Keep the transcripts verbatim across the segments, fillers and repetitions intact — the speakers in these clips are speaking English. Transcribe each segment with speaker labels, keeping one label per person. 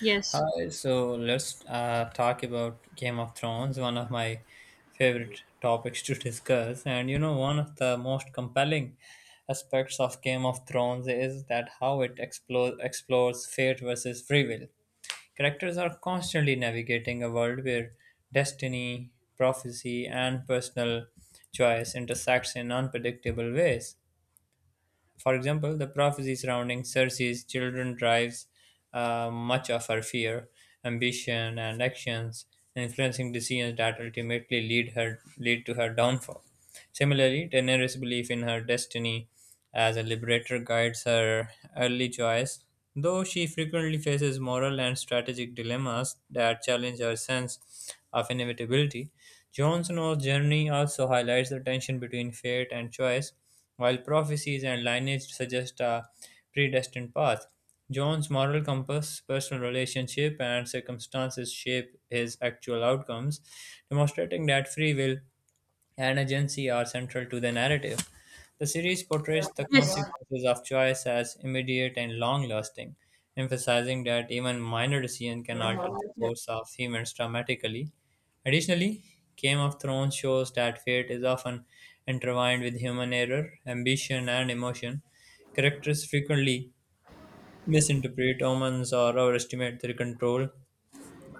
Speaker 1: Yes.
Speaker 2: Hi, so let's uh, talk about Game of Thrones, one of my favorite topics to discuss. And you know, one of the most compelling aspects of Game of Thrones is that how it explore, explores fate versus free will. Characters are constantly navigating a world where destiny, prophecy, and personal choice intersects in unpredictable ways. For example, the prophecy surrounding Circe's children drives uh, much of her fear, ambition, and actions, influencing decisions that ultimately lead her lead to her downfall. Similarly, Daenerys' belief in her destiny as a liberator guides her early choice, though she frequently faces moral and strategic dilemmas that challenge her sense of inevitability. Jon Snow's journey also highlights the tension between fate and choice, while prophecies and lineage suggest a predestined path. John's moral compass, personal relationship, and circumstances shape his actual outcomes, demonstrating that free will and agency are central to the narrative. The series portrays the
Speaker 1: Yes.
Speaker 2: consequences of choice as immediate and long lasting, emphasizing that even minor decisions can alter the course of humans dramatically. Additionally, Game of Thrones shows that fate is often intertwined with human error, ambition, and emotion. Characters frequently misinterpret omens or overestimate their control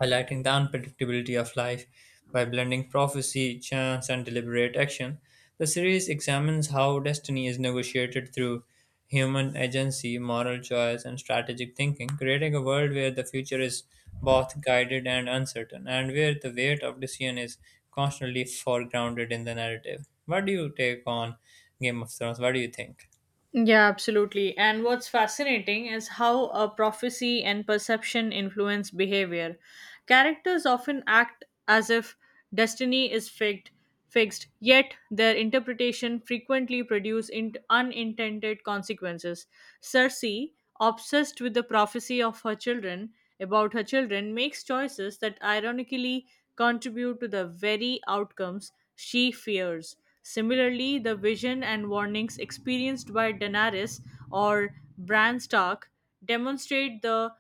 Speaker 2: highlighting the unpredictability of life by blending prophecy, chance, and deliberate action. The series examines how destiny is negotiated through human agency, moral choice, and strategic thinking, creating a world where the future is both guided and uncertain, and where the weight of decision is constantly foregrounded in the narrative. What do you take on Game of Thrones? What do you think?
Speaker 1: Yeah, absolutely. And what's fascinating is how a prophecy and perception influence behavior. Characters often act as if destiny is fixed, fixed, yet their interpretation frequently produce in- unintended consequences. Cersei, obsessed with the prophecy of her children about her children, makes choices that ironically contribute to the very outcomes she fears. Similarly, the vision and warnings experienced by Daenerys or Bran Stark demonstrate the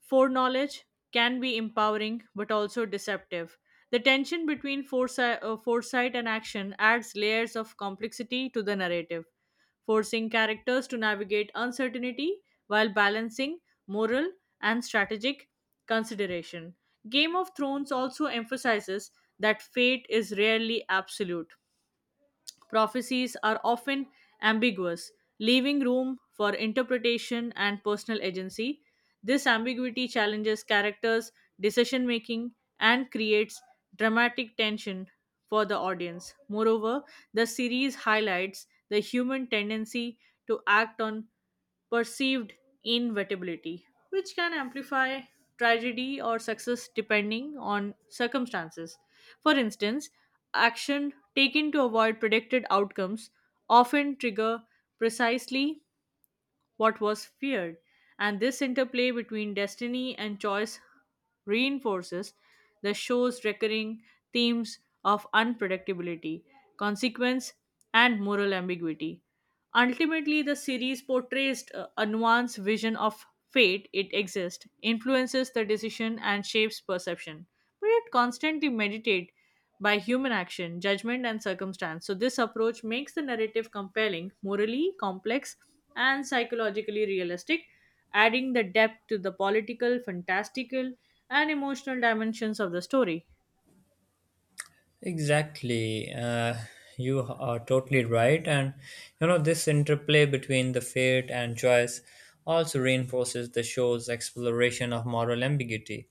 Speaker 1: foreknowledge can be empowering but also deceptive. The tension between foresight, uh, foresight and action adds layers of complexity to the narrative, forcing characters to navigate uncertainty while balancing moral and strategic consideration. Game of Thrones also emphasizes that fate is rarely absolute, prophecies are often ambiguous, leaving room for interpretation and personal agency. This ambiguity challenges characters' decision making and creates dramatic tension for the audience. Moreover, the series highlights the human tendency to act on perceived inevitability, which can amplify tragedy or success depending on circumstances. For instance, action taken to avoid predicted outcomes often trigger precisely what was feared, and this interplay between destiny and choice reinforces the show's recurring themes of unpredictability, consequence, and moral ambiguity. Ultimately, the series portrays uh, a nuanced vision of fate, it exists, influences the decision, and shapes perception. But it constantly meditates by human action, judgment, and circumstance. So, this approach makes the narrative compelling, morally complex, and psychologically realistic, adding the depth to the political, fantastical, and emotional dimensions of the story.
Speaker 2: Exactly. Uh, you are totally right. And you know, this interplay between the fate and choice also reinforces the show's exploration of moral ambiguity.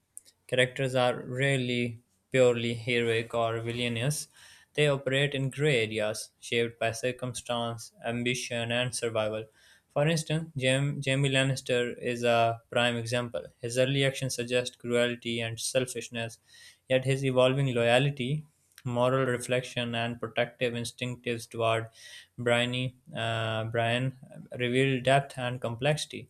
Speaker 2: Characters are rarely purely heroic or villainous, they operate in gray areas shaped by circumstance, ambition, and survival. For instance, Jam- Jamie Lannister is a prime example. His early actions suggest cruelty and selfishness, yet his evolving loyalty moral reflection and protective instincts toward Bryony, uh, Brian reveal depth and complexity.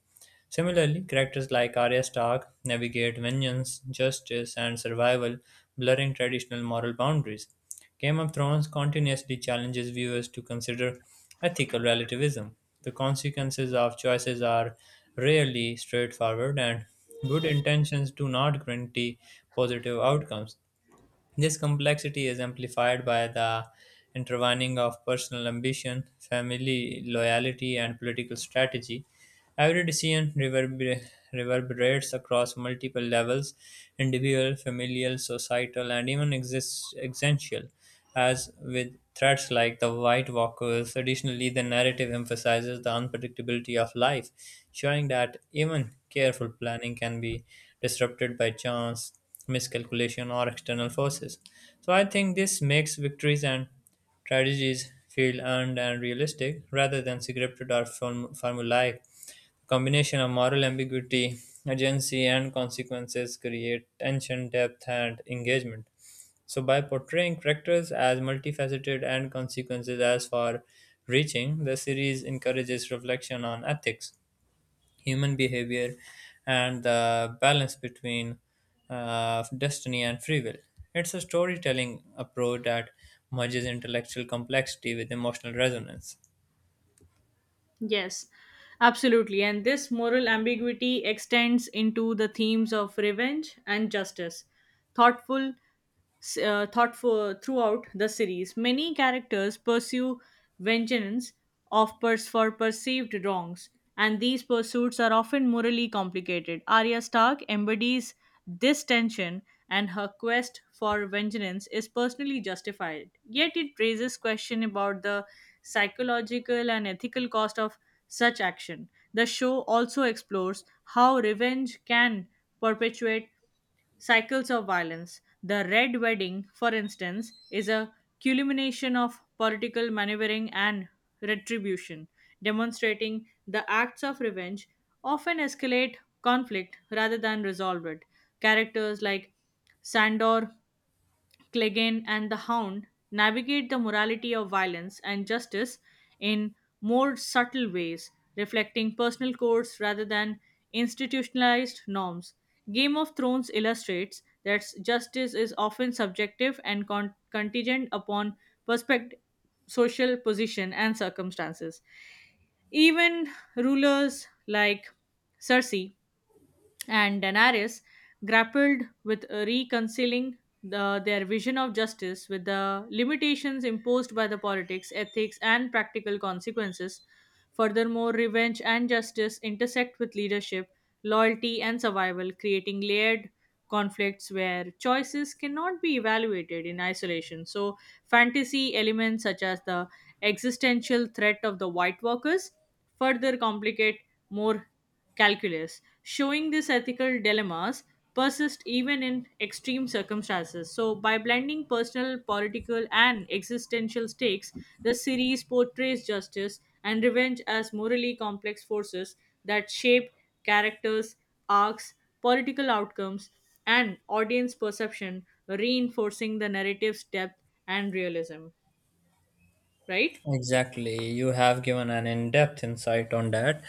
Speaker 2: Similarly, characters like Arya Stark navigate vengeance, justice, and survival, blurring traditional moral boundaries. Game of Thrones continuously challenges viewers to consider ethical relativism. The consequences of choices are rarely straightforward, and good intentions do not guarantee positive outcomes. This complexity is amplified by the intertwining of personal ambition, family loyalty, and political strategy. Every decision reverber- reverberates across multiple levels individual, familial, societal, and even exist- existential. As with threats like the White Walkers, additionally, the narrative emphasizes the unpredictability of life, showing that even careful planning can be disrupted by chance, miscalculation, or external forces. So, I think this makes victories and strategies feel earned and realistic rather than scripted or form- formulaic combination of moral ambiguity, agency, and consequences create tension, depth, and engagement. So, by portraying characters as multifaceted and consequences as far reaching, the series encourages reflection on ethics, human behavior, and the balance between uh, destiny and free will. It's a storytelling approach that merges intellectual complexity with emotional resonance.
Speaker 1: Yes, absolutely. And this moral ambiguity extends into the themes of revenge and justice. Thoughtful, uh, thoughtful throughout the series, many characters pursue vengeance of pers- for perceived wrongs, and these pursuits are often morally complicated. Arya Stark embodies this tension, and her quest for vengeance is personally justified. Yet it raises question about the psychological and ethical cost of such action. The show also explores how revenge can perpetuate cycles of violence. The Red Wedding, for instance, is a culmination of political maneuvering and retribution, demonstrating the acts of revenge often escalate conflict rather than resolve it. Characters like Sandor Clegane, and the Hound navigate the morality of violence and justice in more subtle ways, reflecting personal codes rather than institutionalized norms. Game of Thrones illustrates that justice is often subjective and con- contingent upon perspective, social position, and circumstances. Even rulers like Cersei and Daenerys grappled with reconciling the, their vision of justice with the limitations imposed by the politics, ethics, and practical consequences. Furthermore, revenge and justice intersect with leadership, loyalty, and survival, creating layered conflicts where choices cannot be evaluated in isolation. So, fantasy elements such as the existential threat of the White Walkers further complicate more calculus, showing these ethical dilemmas persist even in extreme circumstances. So, by blending personal, political, and existential stakes, the series portrays justice and revenge as morally complex forces that shape characters, arcs, political outcomes, and audience perception, reinforcing the narrative's depth and realism. Right?
Speaker 2: Exactly. You have given an in depth insight on that.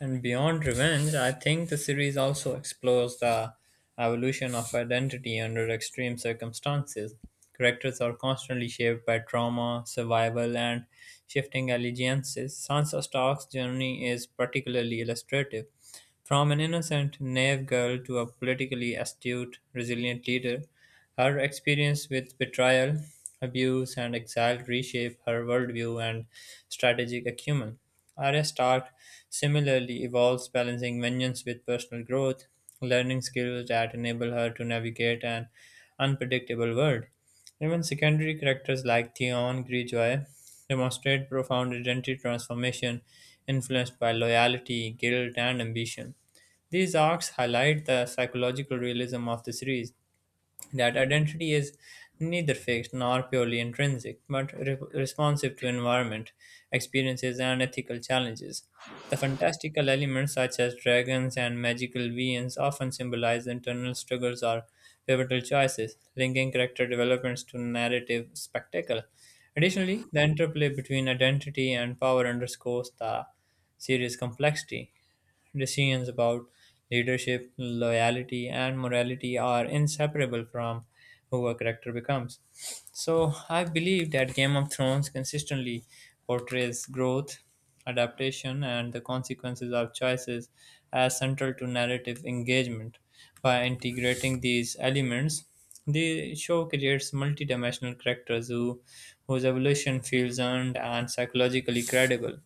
Speaker 2: And beyond revenge, I think the series also explores the evolution of identity under extreme circumstances. Characters are constantly shaped by trauma, survival, and shifting allegiances. Sansa Stark's journey is particularly illustrative. From an innocent, naive girl to a politically astute, resilient leader, her experience with betrayal, abuse, and exile reshape her worldview and strategic acumen. Arya Stark similarly evolves, balancing vengeance with personal growth, learning skills that enable her to navigate an unpredictable world. Even secondary characters like Theon Greyjoy demonstrate profound identity transformation influenced by loyalty, guilt, and ambition. These arcs highlight the psychological realism of the series, that identity is neither fixed nor purely intrinsic, but re- responsive to environment, experiences, and ethical challenges. The fantastical elements, such as dragons and magical beings, often symbolize internal struggles or pivotal choices, linking character developments to narrative spectacle. Additionally, the interplay between identity and power underscores the series' complexity, decisions about leadership, loyalty, and morality are inseparable from who a character becomes. So, I believe that Game of Thrones consistently portrays growth, adaptation, and the consequences of choices as central to narrative engagement. By integrating these elements, the show creates multidimensional characters who, whose evolution feels earned and psychologically credible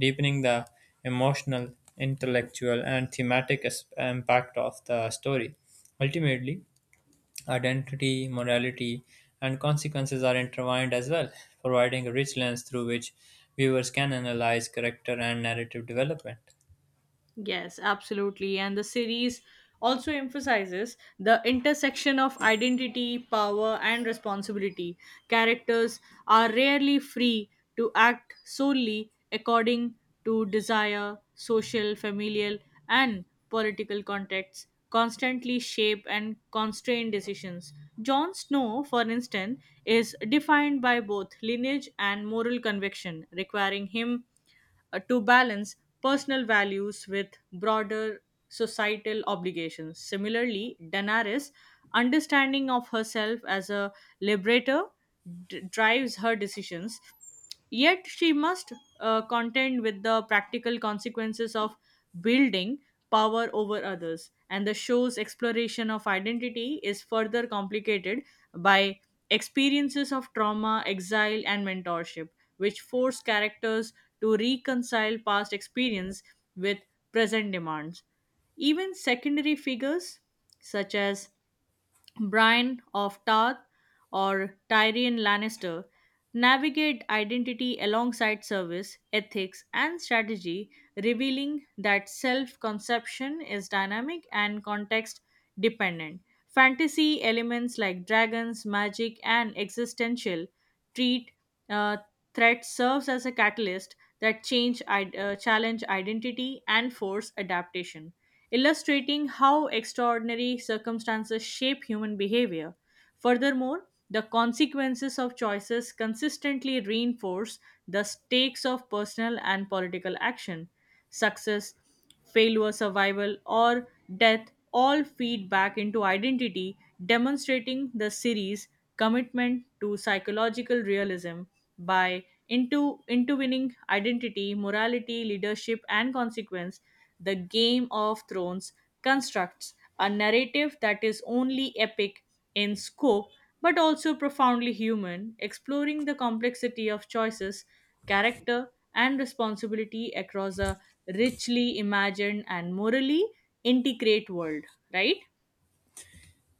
Speaker 2: deepening the emotional, intellectual, and thematic as- impact of the story. Ultimately, identity, morality, and consequences are intertwined as well, providing a rich lens through which viewers can analyze character and narrative development.
Speaker 1: Yes, absolutely. And the series also emphasizes the intersection of identity, power, and responsibility. Characters are rarely free to act solely according to desire, social, familial, and political contexts, constantly shape and constrain decisions. Jon Snow, for instance, is defined by both lineage and moral conviction, requiring him uh, to balance personal values with broader societal obligations. Similarly, Daenerys' understanding of herself as a liberator d- drives her decisions, yet she must uh, contend with the practical consequences of building power over others. And the show's exploration of identity is further complicated by experiences of trauma, exile, and mentorship, which force characters to reconcile past experience with present demands. Even secondary figures, such as Brian of Tarth or Tyrion Lannister navigate identity alongside service, ethics, and strategy, revealing that self conception is dynamic and context dependent. Fantasy elements like dragons, magic, and existential treat uh, threat serves as a catalyst that change id- uh, challenge identity and force adaptation, illustrating how extraordinary circumstances shape human behavior. Furthermore, the consequences of choices consistently reinforce the stakes of personal and political action. Success, failure, survival, or death all feed back into identity, demonstrating the series' commitment to psychological realism by into intervening identity, morality, leadership, and consequence, the Game of Thrones constructs a narrative that is only epic in scope but also profoundly human, exploring the complexity of choices, character, and responsibility across a richly imagined and morally integrate world, right?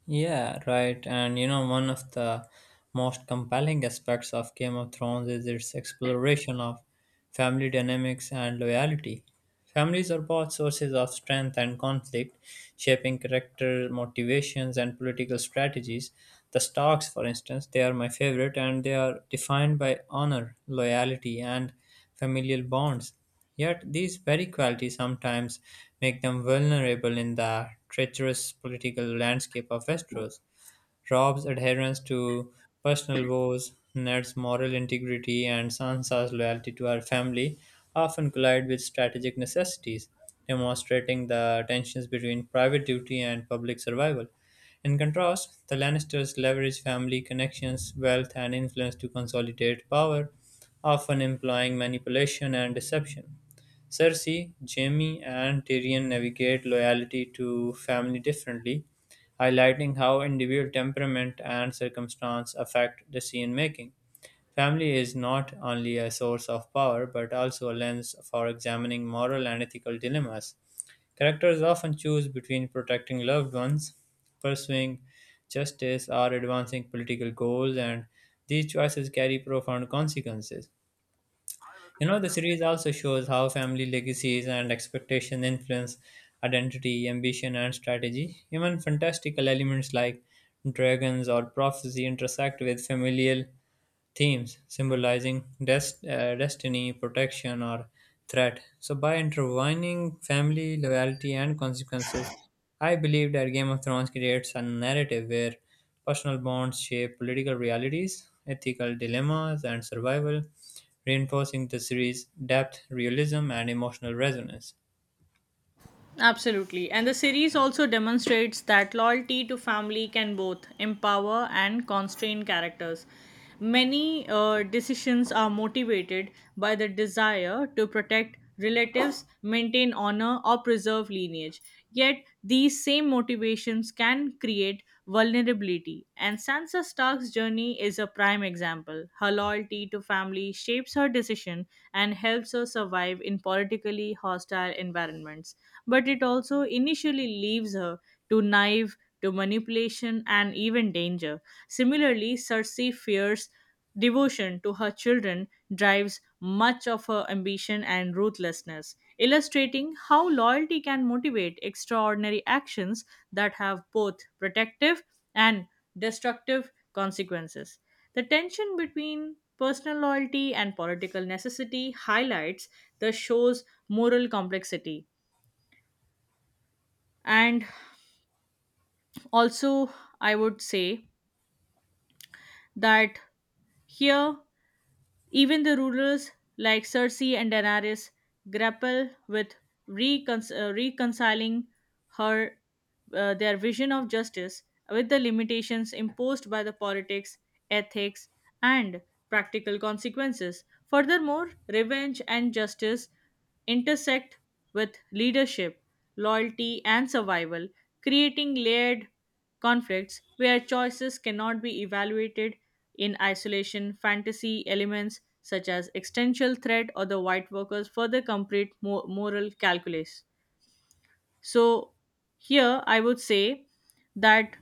Speaker 2: Yeah, right. And you know, one of the most compelling aspects of Game of Thrones is its exploration of family dynamics and loyalty. Families are both sources of strength and conflict, shaping character motivations and political strategies. The Starks, for instance, they are my favorite and they are defined by honor, loyalty, and familial bonds. Yet these very qualities sometimes make them vulnerable in the treacherous political landscape of Westeros. Rob's adherence to personal vows, Ned's moral integrity, and Sansa's loyalty to her family often collide with strategic necessities, demonstrating the tensions between private duty and public survival. In contrast, the Lannisters leverage family connections, wealth, and influence to consolidate power, often employing manipulation and deception. Cersei, Jaime, and Tyrion navigate loyalty to family differently, highlighting how individual temperament and circumstance affect decision making. Family is not only a source of power but also a lens for examining moral and ethical dilemmas. Characters often choose between protecting loved ones, pursuing justice, or advancing political goals, and these choices carry profound consequences. You know, the series also shows how family legacies and expectation influence identity, ambition, and strategy. Even fantastical elements like dragons or prophecy intersect with familial themes symbolizing dest- uh, destiny, protection, or threat. So, by intertwining family, loyalty, and consequences, I believe that Game of Thrones creates a narrative where personal bonds shape political realities, ethical dilemmas, and survival, reinforcing the series' depth, realism, and emotional resonance.
Speaker 1: Absolutely. And the series also demonstrates that loyalty to family can both empower and constrain characters. Many uh, decisions are motivated by the desire to protect relatives, maintain honor, or preserve lineage. Yet, these same motivations can create vulnerability. And Sansa Stark's journey is a prime example. Her loyalty to family shapes her decision and helps her survive in politically hostile environments, but it also initially leaves her to naive, to manipulation, and even danger. Similarly, Cersei fears devotion to her children drives much of her ambition and ruthlessness, illustrating how loyalty can motivate extraordinary actions that have both protective and destructive consequences. The tension between personal loyalty and political necessity highlights the show's moral complexity. And also, I would say that here even the rulers like Cersei and Daenerys grapple with recon- uh, reconciling her uh, their vision of justice with the limitations imposed by the politics, ethics, and practical consequences. Furthermore, revenge and justice intersect with leadership, loyalty, and survival, creating layered conflicts where choices cannot be evaluated in isolation. Fantasy elements such as existential threat or the white workers further complete mo- moral calculus. So, here I would say that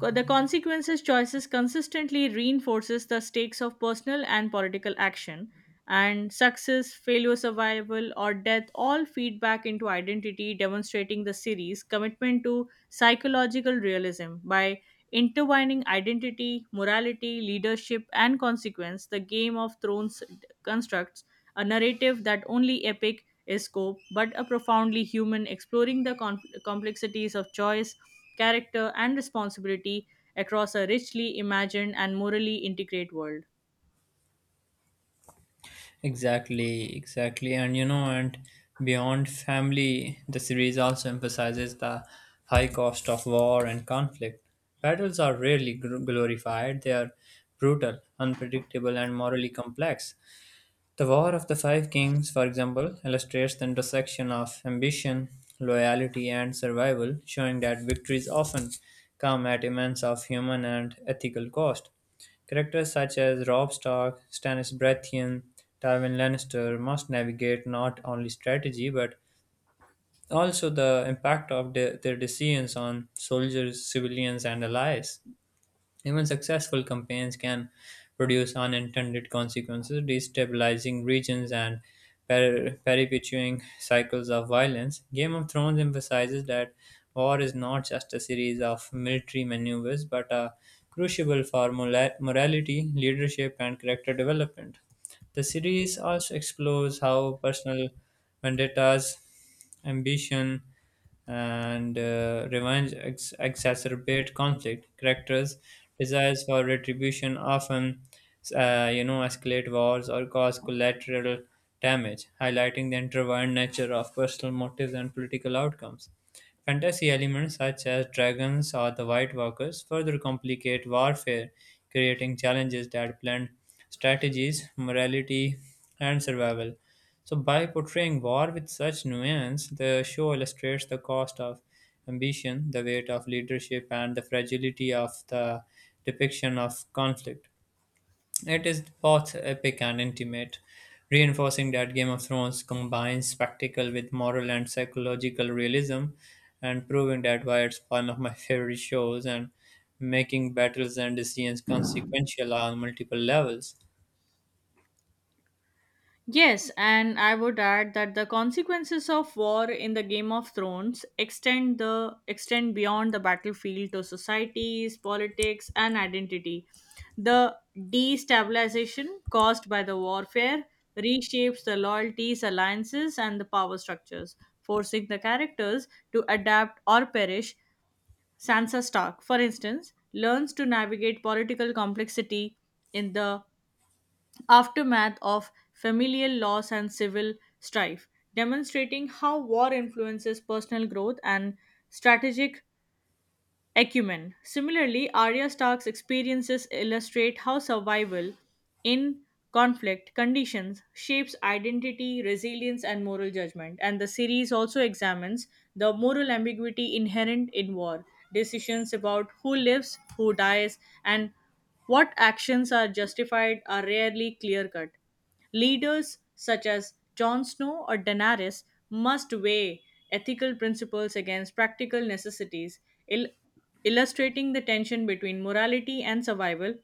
Speaker 1: Co- the consequences choices consistently reinforces the stakes of personal and political action, and success, failure, survival, or death all feed back into identity, demonstrating the series' commitment to psychological realism by intertwining identity, morality, leadership, and consequence. The Game of Thrones constructs a narrative that only epic is scope, but a profoundly human, exploring the the complexities of choice, character, and responsibility across a richly imagined and morally integrate world.
Speaker 2: Exactly, exactly. And you know, and beyond family, the series also emphasizes the high cost of war and conflict. Battles are rarely gl- glorified, they are brutal, unpredictable, and morally complex. The War of the Five Kings, for example, illustrates the intersection of ambition, loyalty, and survival, showing that victories often come at immense of human and ethical cost. Characters such as Robb Stark, Stannis Baratheon, Tywin Lannister must navigate not only strategy but also the impact of the- their decisions on soldiers, civilians, and allies. Even successful campaigns can produce unintended consequences, destabilizing regions and per- perpetuating cycles of violence. Game of Thrones emphasizes that war is not just a series of military maneuvers but a crucible for mola- morality, leadership, and character development. The series also explores how personal vendettas, ambition, and uh, revenge ex- exacerbate conflict. Characters' desires for retribution often, uh, you know, escalate wars or cause collateral damage, highlighting the intertwined nature of personal motives and political outcomes. Fantasy elements such as dragons or the White Walkers further complicate warfare, creating challenges that blend strategies, morality, and survival. So, by portraying war with such nuance, the show illustrates the cost of ambition, the weight of leadership, and the fragility of the depiction of conflict. It is both epic and intimate, reinforcing that Game of Thrones combines spectacle with moral and psychological realism, and proving that why it's one of my favorite shows and making battles and decisions consequential on multiple levels.
Speaker 1: Yes, and I would add that the consequences of war in the Game of Thrones extend the extend beyond the battlefield to societies, politics, and identity. The destabilization caused by the warfare reshapes the loyalties, alliances, and the power structures, forcing the characters to adapt or perish. Sansa Stark, for instance, learns to navigate political complexity in the aftermath of familial loss and civil strife, demonstrating how war influences personal growth and strategic acumen. Similarly, Arya Stark's experiences illustrate how survival in conflict conditions shapes identity, resilience, and moral judgment. And the series also examines the moral ambiguity inherent in war, decisions about who lives, who dies, and what actions are justified are rarely clear cut. Leaders such as Jon Snow or Daenerys must weigh ethical principles against practical necessities, il- illustrating the tension between morality and survival.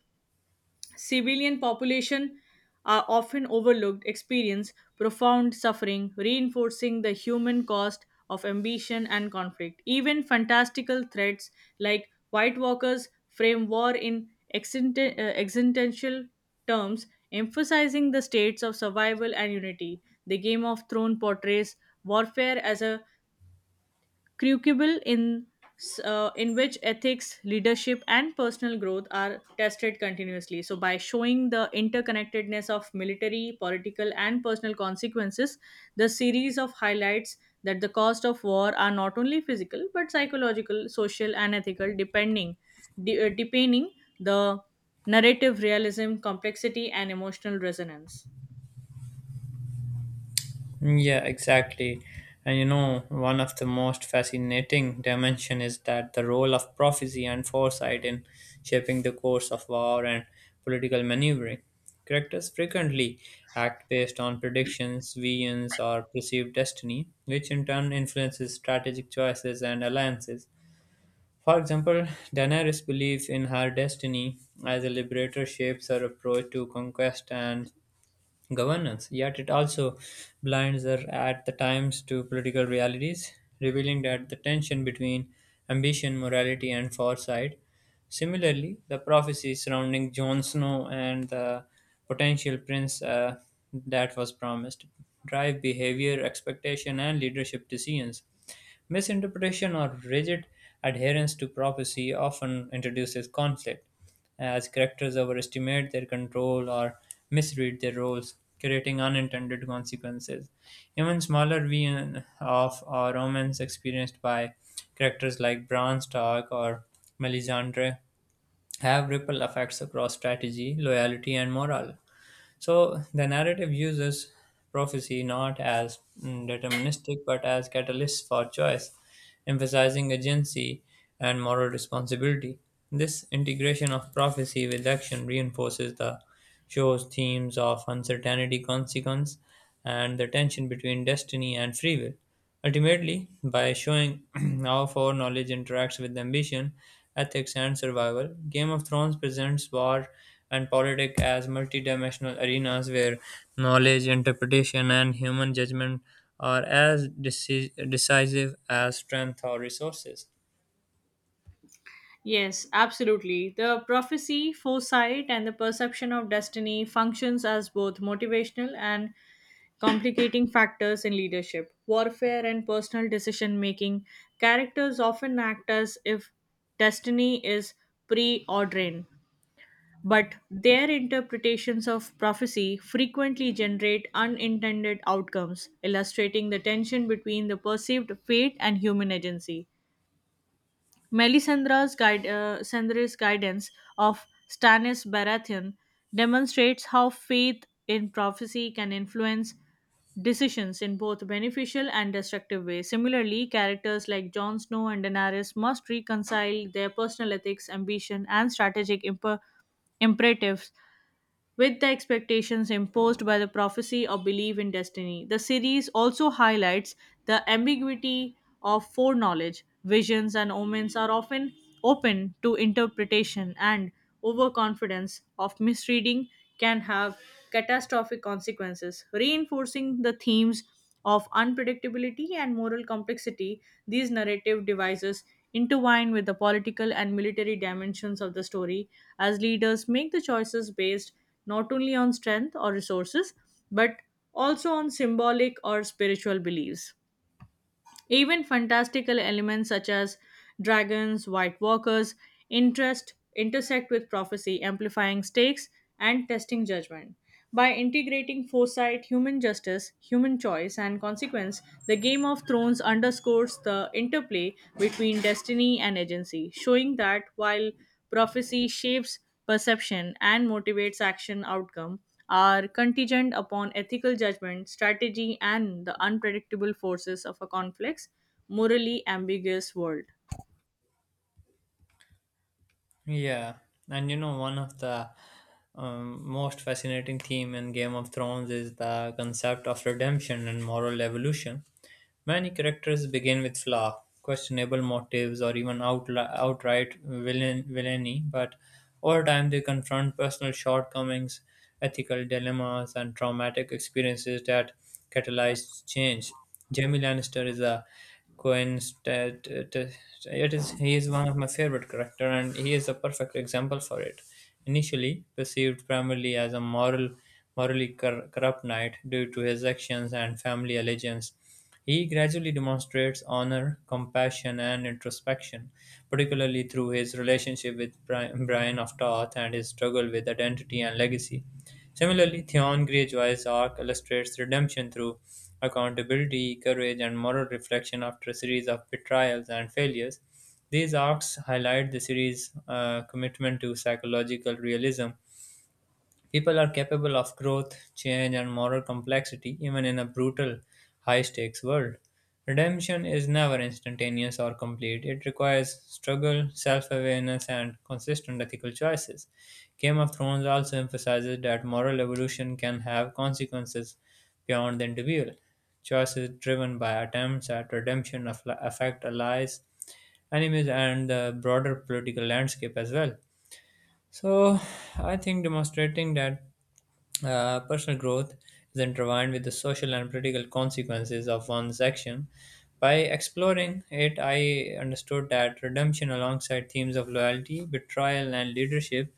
Speaker 1: Civilian population are often overlooked, experience profound suffering, reinforcing the human cost of ambition and conflict. Even fantastical threats like White Walkers frame war in existen- uh, existential terms, emphasizing the states of survival and unity. The Game of Thrones portrays warfare as a crucible in s- uh, in which ethics, leadership, and personal growth are tested continuously. So, by showing the interconnectedness of military, political, and personal consequences, the series of highlights that the cost of war are not only physical but psychological, social, and ethical, depending, de- uh, depending the narrative realism, complexity, and emotional resonance.
Speaker 2: Yeah, exactly. And you know, one of the most fascinating dimension is that the role of prophecy and foresight in shaping the course of war and political maneuvering. Characters frequently act based on predictions, visions, or perceived destiny, which in turn influences strategic choices and alliances. For example, Daenerys' belief in her destiny as a liberator shapes her approach to conquest and governance, yet it also blinds her at the times to political realities, revealing that the tension between ambition, morality, and foresight. Similarly, the prophecy surrounding Jon Snow and the potential prince uh, that was promised drive behavior, expectation, and leadership decisions. Misinterpretation or rigid adherence to prophecy often introduces conflict uh, as characters overestimate their control or misread their roles, creating unintended consequences. Even smaller v of or romance experienced by characters like Bran Stark or Melisandre have ripple effects across strategy, loyalty, and morale. So the narrative uses prophecy not as mm, deterministic but as catalysts for choice, emphasizing agency and moral responsibility. This integration of prophecy with action reinforces the show's themes of uncertainty, consequence, and the tension between destiny and free will. Ultimately, by showing how foreknowledge interacts with ambition, ethics, and survival, Game of Thrones presents war and politics as multidimensional arenas where knowledge, interpretation, and human judgment are as deci- decisive as strength or resources.
Speaker 1: Yes, absolutely. The prophecy, foresight, and the perception of destiny functions as both motivational and complicating factors in leadership, warfare, and personal decision making. Characters often act as if destiny is preordained, but their interpretations of prophecy frequently generate unintended outcomes, illustrating the tension between the perceived fate and human agency. Melisandre's, guide, uh, Sandre's guidance of Stannis Baratheon demonstrates how faith in prophecy can influence decisions in both beneficial and destructive ways. Similarly, characters like Jon Snow and Daenerys must reconcile their personal ethics, ambition, and strategic imper- imperatives with the expectations imposed by the prophecy or belief in destiny. The series also highlights the ambiguity of foreknowledge. Visions and omens are often open to interpretation, and overconfidence of misreading can have catastrophic consequences, reinforcing the themes of unpredictability and moral complexity. These narrative devices intertwine with the political and military dimensions of the story as leaders make the choices based not only on strength or resources but also on symbolic or spiritual beliefs. Even fantastical elements such as dragons, white walkers, interest intersect with prophecy, amplifying stakes and testing judgment. By integrating foresight, human justice, human choice, and consequence, the Game of Thrones underscores the interplay between destiny and agency, showing that while prophecy shapes perception and motivates action outcome are contingent upon ethical judgment, strategy, and the unpredictable forces of a complex, morally ambiguous world.
Speaker 2: Yeah, and you know one of the um, most fascinating theme in Game of Thrones is the concept of redemption and moral evolution. Many characters begin with flaw, questionable motives, or even outli outright villain- villainy, but over time they confront personal shortcomings, ethical dilemmas, and traumatic experiences that catalyzed change. Jamie Lannister is a coincident. It is he is one of my favorite character, and he is a perfect example for it. Initially perceived primarily as a moral, morally cor- corrupt knight due to his actions and family allegiance, he gradually demonstrates honor, compassion, and introspection, particularly through his relationship with Bri- Brian of Tarth and his struggle with identity and legacy. Similarly, Theon Greyjoy's arc illustrates redemption through accountability, courage, and moral reflection after a series of betrayals and failures. These arcs highlight the series' uh, commitment to psychological realism People are capable of growth, change, and moral complexity even in a brutal, high stakes world. Redemption is never instantaneous or complete. It requires struggle, self awareness, and consistent ethical choices. Game of Thrones also emphasizes that moral evolution can have consequences beyond the individual. Choices driven by attempts at redemption aff- affect allies, enemies, and the broader political landscape as well. So, I think demonstrating that uh, personal growth is intertwined with the social and political consequences of one's action. By exploring it, I understood that redemption, alongside themes of loyalty, betrayal, and leadership,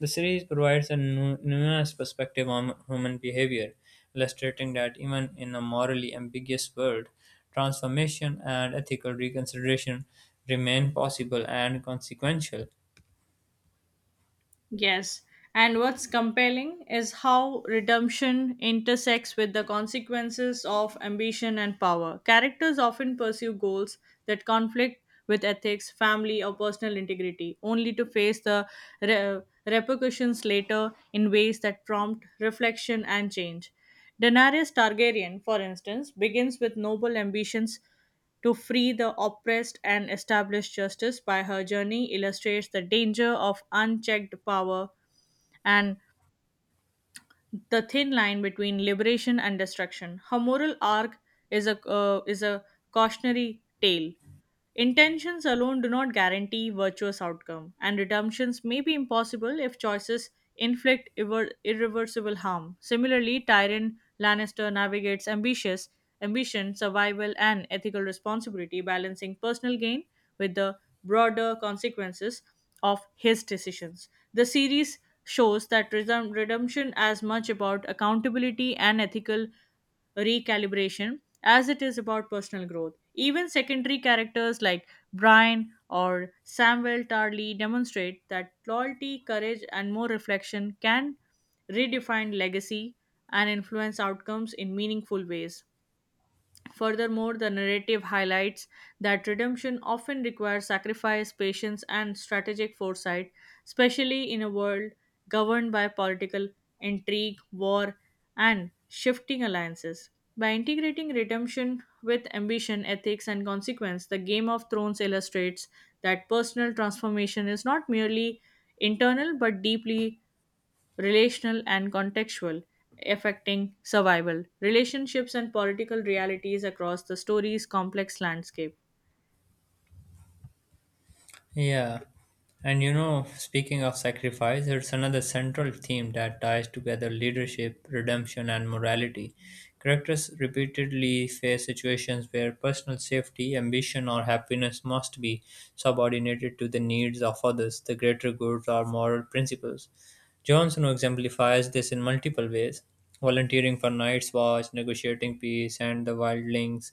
Speaker 2: the series provides a nu- nuanced perspective on human behavior, illustrating that even in a morally ambiguous world, transformation and ethical reconsideration remain possible and consequential.
Speaker 1: Yes, and what's compelling is how redemption intersects with the consequences of ambition and power. Characters often pursue goals that conflict with ethics, family, or personal integrity, only to face the re- repercussions later in ways that prompt reflection and change. Daenerys Targaryen, for instance, begins with noble ambitions to free the oppressed and establish justice by her journey illustrates the danger of unchecked power and the thin line between liberation and destruction. Her moral arc is a uh, is a cautionary tale. Intentions alone do not guarantee virtuous outcome, and redemptions may be impossible if choices inflict irre- irreversible harm. Similarly, Tyrion Lannister navigates ambitious ambition, survival, and ethical responsibility, balancing personal gain with the broader consequences of his decisions. The series shows that redem- redemption as much about accountability and ethical recalibration as it is about personal growth. Even secondary characters like Brian or Samuel Tarly demonstrate that loyalty, courage, and more reflection can redefine legacy and influence outcomes in meaningful ways. Furthermore, the narrative highlights that redemption often requires sacrifice, patience, and strategic foresight, especially in a world governed by political intrigue, war, and shifting alliances. By integrating redemption with ambition, ethics, and consequence, the Game of Thrones illustrates that personal transformation is not merely internal but deeply relational and contextual, affecting survival, relationships, and political realities across the story's complex landscape.
Speaker 2: Yeah. And you know, speaking of sacrifice, it's another central theme that ties together leadership, redemption, and morality. Characters repeatedly face situations where personal safety, ambition, or happiness must be subordinated to the needs of others, the greater good, or moral principles. Jon Snow exemplifies this in multiple ways, volunteering for Night's Watch, negotiating peace, and the Wildlings,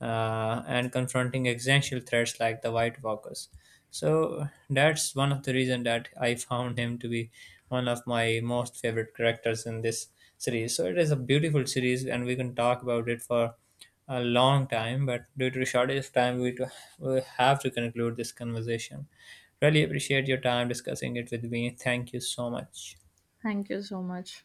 Speaker 2: uh, and confronting existential threats like the White Walkers. So that's one of the reasons that I found him to be one of my most favorite characters in this series. So it is a beautiful series, and we can talk about it for a long time. But due to the shortage of time, we, to, we have to conclude this conversation. Really appreciate your time discussing it with me. Thank you so much.
Speaker 1: Thank you so much.